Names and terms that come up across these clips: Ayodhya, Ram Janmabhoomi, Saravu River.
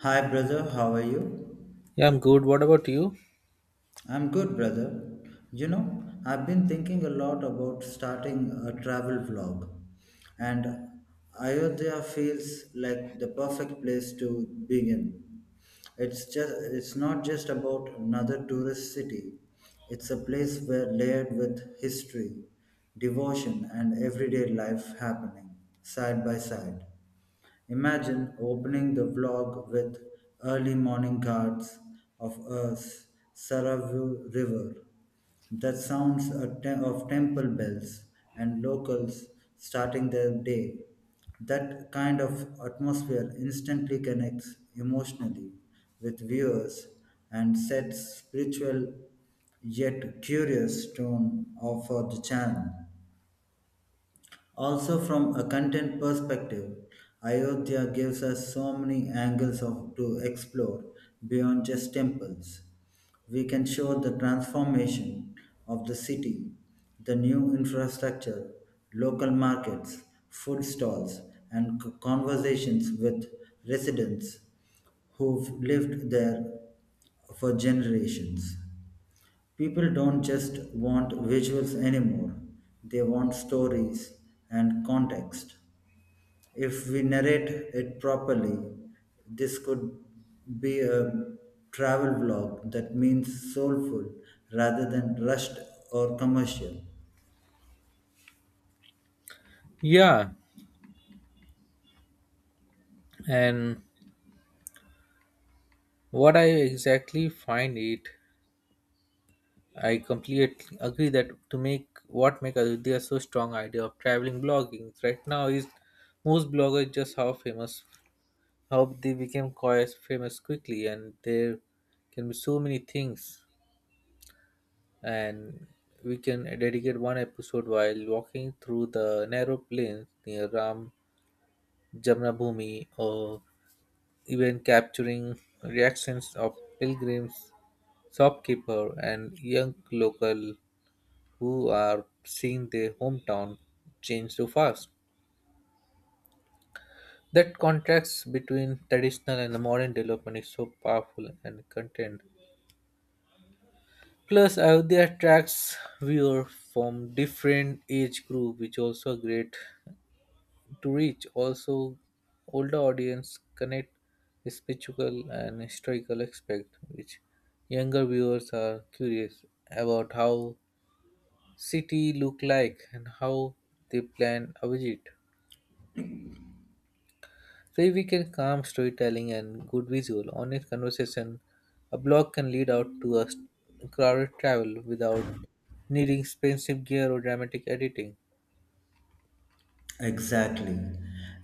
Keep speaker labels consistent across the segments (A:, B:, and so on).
A: Hi, brother. How are you?
B: Yeah, I'm good. What about you?
A: I'm good, brother. You know, I've been thinking a lot about starting a travel vlog, and Ayodhya feels like the perfect place to begin. It's just it's not just about another tourist city. It's a place where layered with history, devotion, and everyday life happening side by side. Imagine opening the vlog with early morning guards of Earth's Saravu River, that sounds of temple bells and locals starting their day. That kind of atmosphere instantly connects emotionally with viewers and sets spiritual yet curious for the channel. Also, from a content perspective, Ayodhya gives us so many angles of, to explore beyond just temples. We can show the transformation of the city, the new infrastructure, local markets, food stalls, and conversations with residents who've lived there for generations. People don't just want visuals anymore, they want stories and context. If we narrate it properly, this could be a travel vlog that means soulful rather than rushed or commercial.
B: Yeah, and what I exactly find it, I completely agree that to make what make Ayodhya so strong idea of traveling blogging right now is most bloggers just how famous how they became quite famous quickly and there can be so many things and we can dedicate one episode while walking through the narrow plains near Ram Jamnabhoomi or even capturing reactions of pilgrims, shopkeeper, and young local who are seeing their hometown change so fast. That contrast between traditional and the modern development is so powerful and content. Plus, Ayodhya attracts viewers from different age group, which also great to reach also older audience connect spiritual and historical aspect which younger viewers are curious about how city look like and how they plan a visit so if we can calm storytelling and good visual honest conversation a blog can lead out to a crowded travel without needing expensive gear or dramatic editing.
A: Exactly.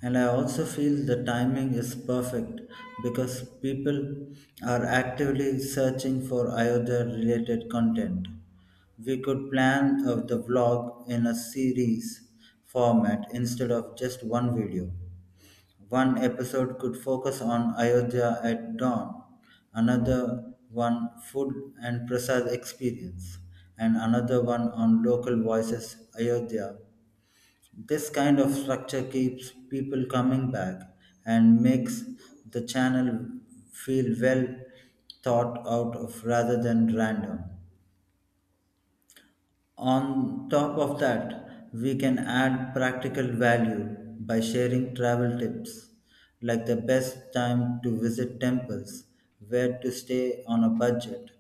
A: And I also feel the timing is perfect because people are actively searching for Ayodhya related content. We could plan the vlog in a series format instead of just one video. One episode could focus on Ayodhya at dawn, another one food and prasad experience, and another one on local voices Ayodhya, this kind of structure keeps people coming back and makes the channel feel well thought out of rather than random. On top of that, we can add practical value by sharing travel tips like the best time to visit temples, where to stay on a budget,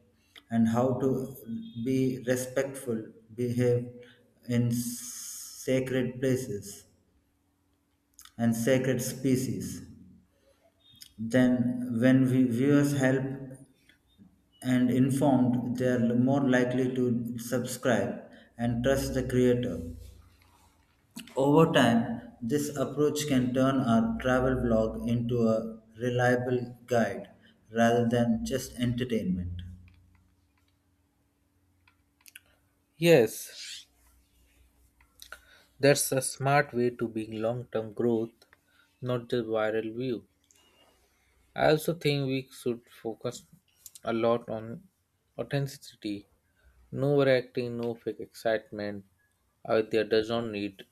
A: and how to be respectful, behave in sacred places and sacred species. Then, when viewers help and informed, they are more likely to subscribe and trust the creator. Over time, this approach can turn our travel vlog into a reliable guide rather than just entertainment.
B: Yes, that's a smart way to being long term growth, not just viral view. I also think we should focus a lot on authenticity. No overacting, no fake excitement. Avidya does not need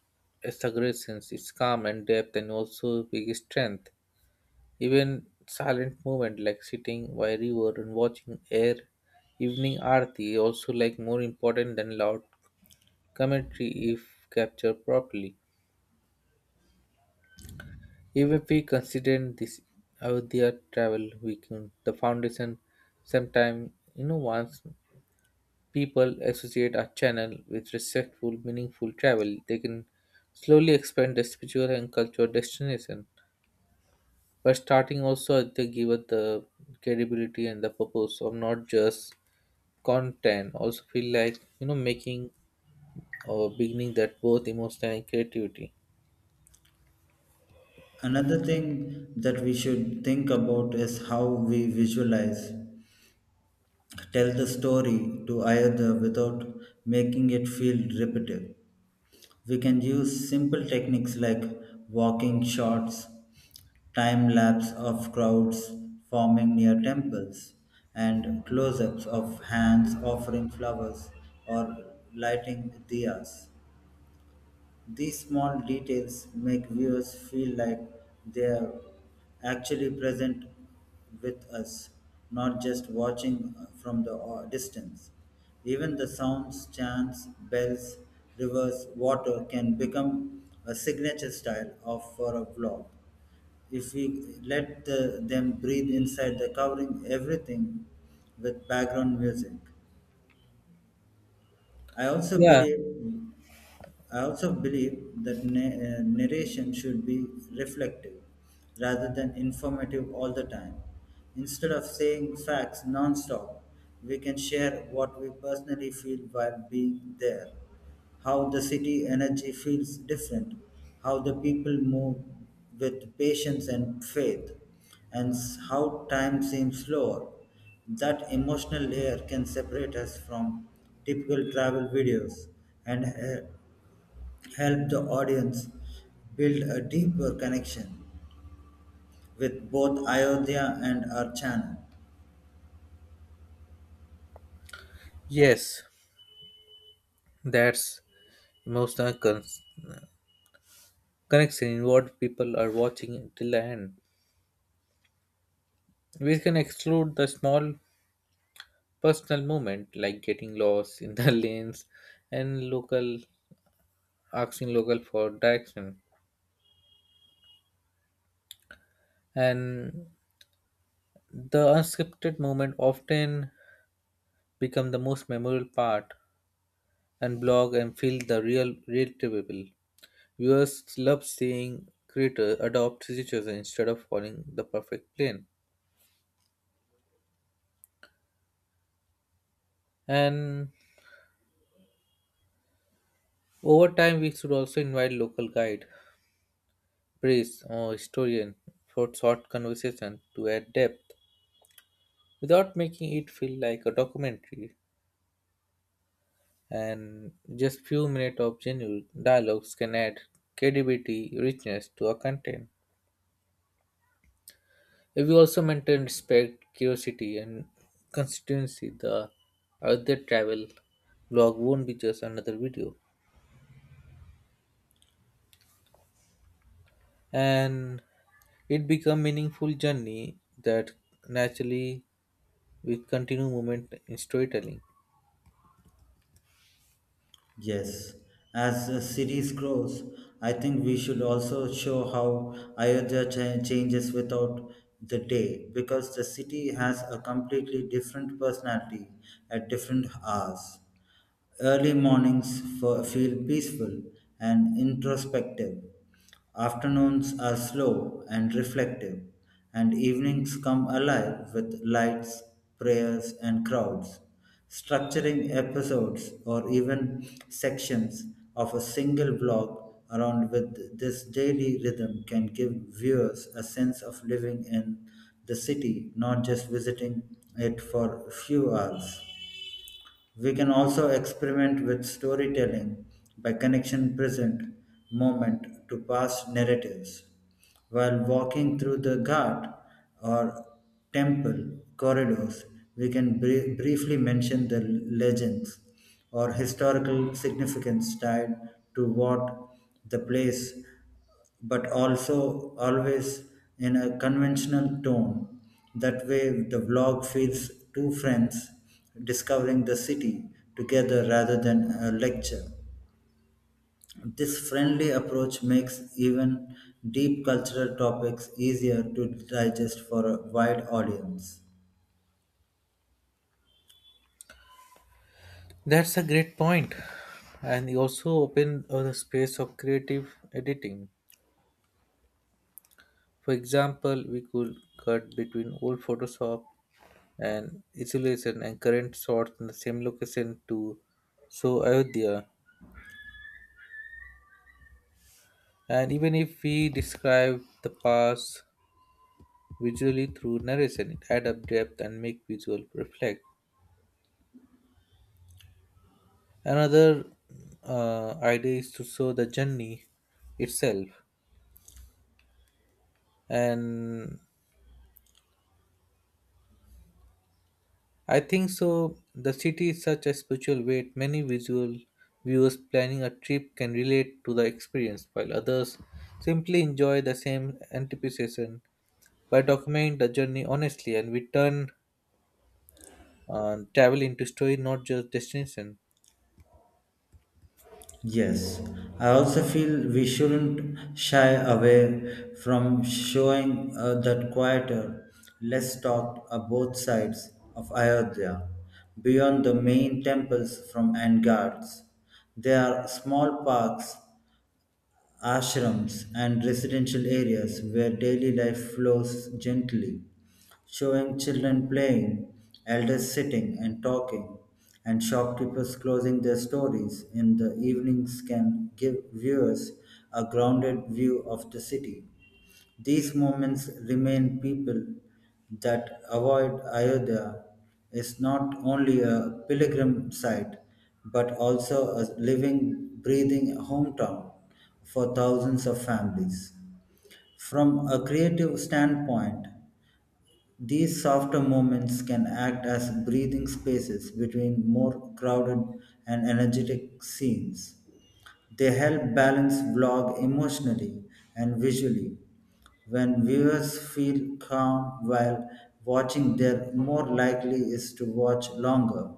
B: exaggerations. It's calm and depth and also big strength. Even silent movement like sitting by a river and watching air evening arti also like more important than loud commentary if captured properly. Even if we consider this Ayodhya travel weakened the foundation. Sometimes, you know, once people associate a channel with respectful, meaningful travel, they can slowly expand the spiritual and cultural destination. But starting also they give us the credibility and the purpose of not just content, also feel like you know making or beginning that both emotional and creativity.
A: Another thing that we should think about is how we visualize tell the story to either without making it feel repetitive. We can use simple techniques like walking shots, time lapse of crowds forming near temples, and close ups of hands offering flowers or lighting diyas. These small details make viewers feel like they are actually present with us, not just watching from the distance. Even the sounds, chants, bells, rivers, water can become a signature style of for a vlog. If we let the, them breathe inside the covering everything with background music. I also
B: Yeah.
A: believe I also believe that narration should be reflective rather than informative all the time. Instead of saying facts non-stop, we can share what we personally feel while being there, how the city energy feels different, how the people move with patience and faith, and how time seems slower. That emotional layer can separate us from typical travel videos and help the audience build a deeper connection with both Ayodhya and our channel.
B: Yes, that's emotional connection in what people are watching till the end. We can exclude the small personal moment like getting lost in the lanes and local asking local for direction. And the unscripted moment often become the most memorable part and blog and feel the real relatable. Viewers love seeing creators adopt situations instead of following the perfect plan. And over time, we should also invite local guide praise or historian for short conversation to add depth without making it feel like a documentary, and just few minutes of genuine dialogues can add credibility richness to our content if we also maintain respect curiosity and constituency the other travel blog won't be just another video and it become meaningful journey that naturally with continued movement in storytelling.
A: Yes, as the series grows, I think we should also show how Ayodhya changes without the day because the city has a completely different personality at different hours. Early mornings feel peaceful and introspective. Afternoons are slow and reflective, and evenings come alive with lights, prayers, and crowds. Structuring episodes or even sections of a single blog around with this daily rhythm can give viewers a sense of living in the city, not just visiting it for a few hours. We can also experiment with storytelling by connection present moment to past narratives. While walking through the ghat or temple corridors, we can briefly mention the legends or historical significance tied to what the place but also always in a conventional tone. That way, the vlog feels two friends discovering the city together rather than a lecture. This friendly approach makes even deep cultural topics easier to digest for a wide audience.
B: That's a great point, and you also open the space of creative editing. For example, we could cut between old Photoshop and isolation and current shots in the same location to show Ayodhya. And even if we describe the past visually through narration, it adds up depth and make visual reflect. Another idea is to show the journey itself and I think so. The city is such a spiritual weight. Many visual viewers planning a trip can relate to the experience, while others simply enjoy the same anticipation. By documenting the journey honestly, and we turn travel into story, not just destination.
A: Yes, I also feel we shouldn't shy away from showing that quieter, less talked are both sides of Ayodhya, beyond the main temples from Angards. There are small parks, ashrams and residential areas where daily life flows gently, showing children playing, elders sitting and talking, and shopkeepers closing their stories in the evenings can give viewers a grounded view of the city. These moments remain people that avoid Ayodhya is not only a pilgrim site but also a living, breathing hometown for thousands of families. From a creative standpoint, these softer moments can act as breathing spaces between more crowded and energetic scenes. They help balance blog emotionally and visually. When viewers feel calm while watching, they're more likely is to watch longer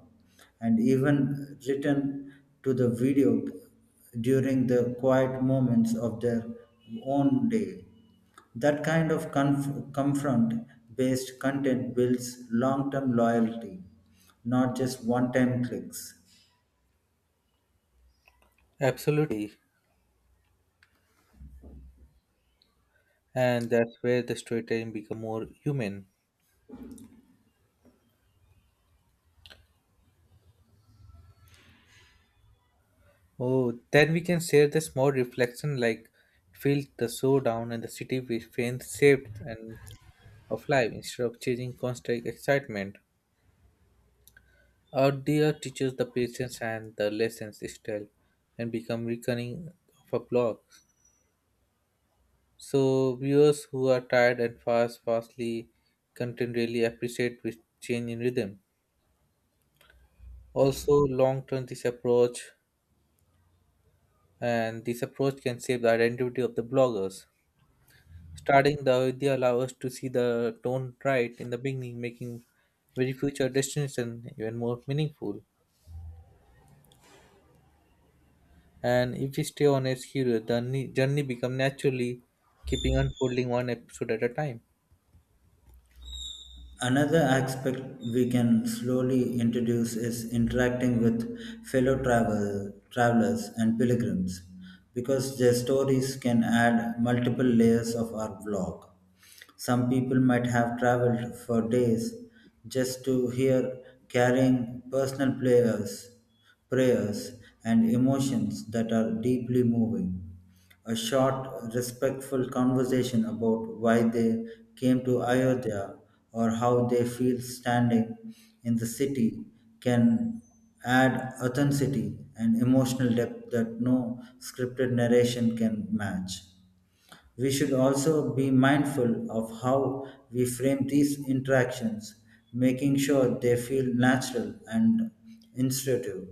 A: and even return to the video during the quiet moments of their own day. That kind of confront based content builds long term loyalty, not just one time clicks.
B: Absolutely, and that's where the storytelling become more human. Oh, then we can share the small reflection, like feel the showdown and the city with faint shaped and of life instead of chasing constant excitement. Out there teaches the patience and the lessons still and become reckoning of a blog. So viewers who are tired and fast fastly content really appreciate with change in rhythm. Also long term this approach can save the identity of the bloggers. Starting the idea allow us to see the tone right in the beginning, making very future destination even more meaningful. And if we stay on a schedule, the journey become naturally keeping unfolding one episode at a time.
A: Another aspect we can slowly introduce is interacting with travelers and pilgrims because their stories can add multiple layers of our vlog. Some people might have traveled for days just to hear carrying personal prayers, prayers and emotions that are deeply moving a short, respectful conversation about why they came to Ayodhya or how they feel standing in the city can add authenticity and emotional depth that no scripted narration can match. We should also be mindful of how we frame these interactions, making sure they feel natural and intuitive.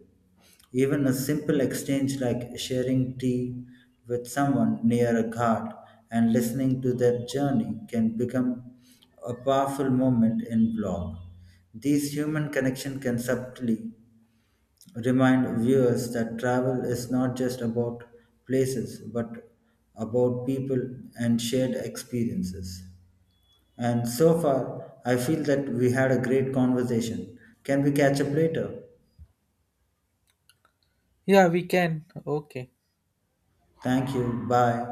A: Even a simple exchange like sharing tea with someone near a ghat and listening to their journey can become a powerful moment in blog. These human connection can subtly remind viewers that travel is not just about places but about people and shared experiences. And so far, I feel that we had a great conversation. Can we catch up later?
B: Yeah, we can. Okay.
A: Thank you. Bye.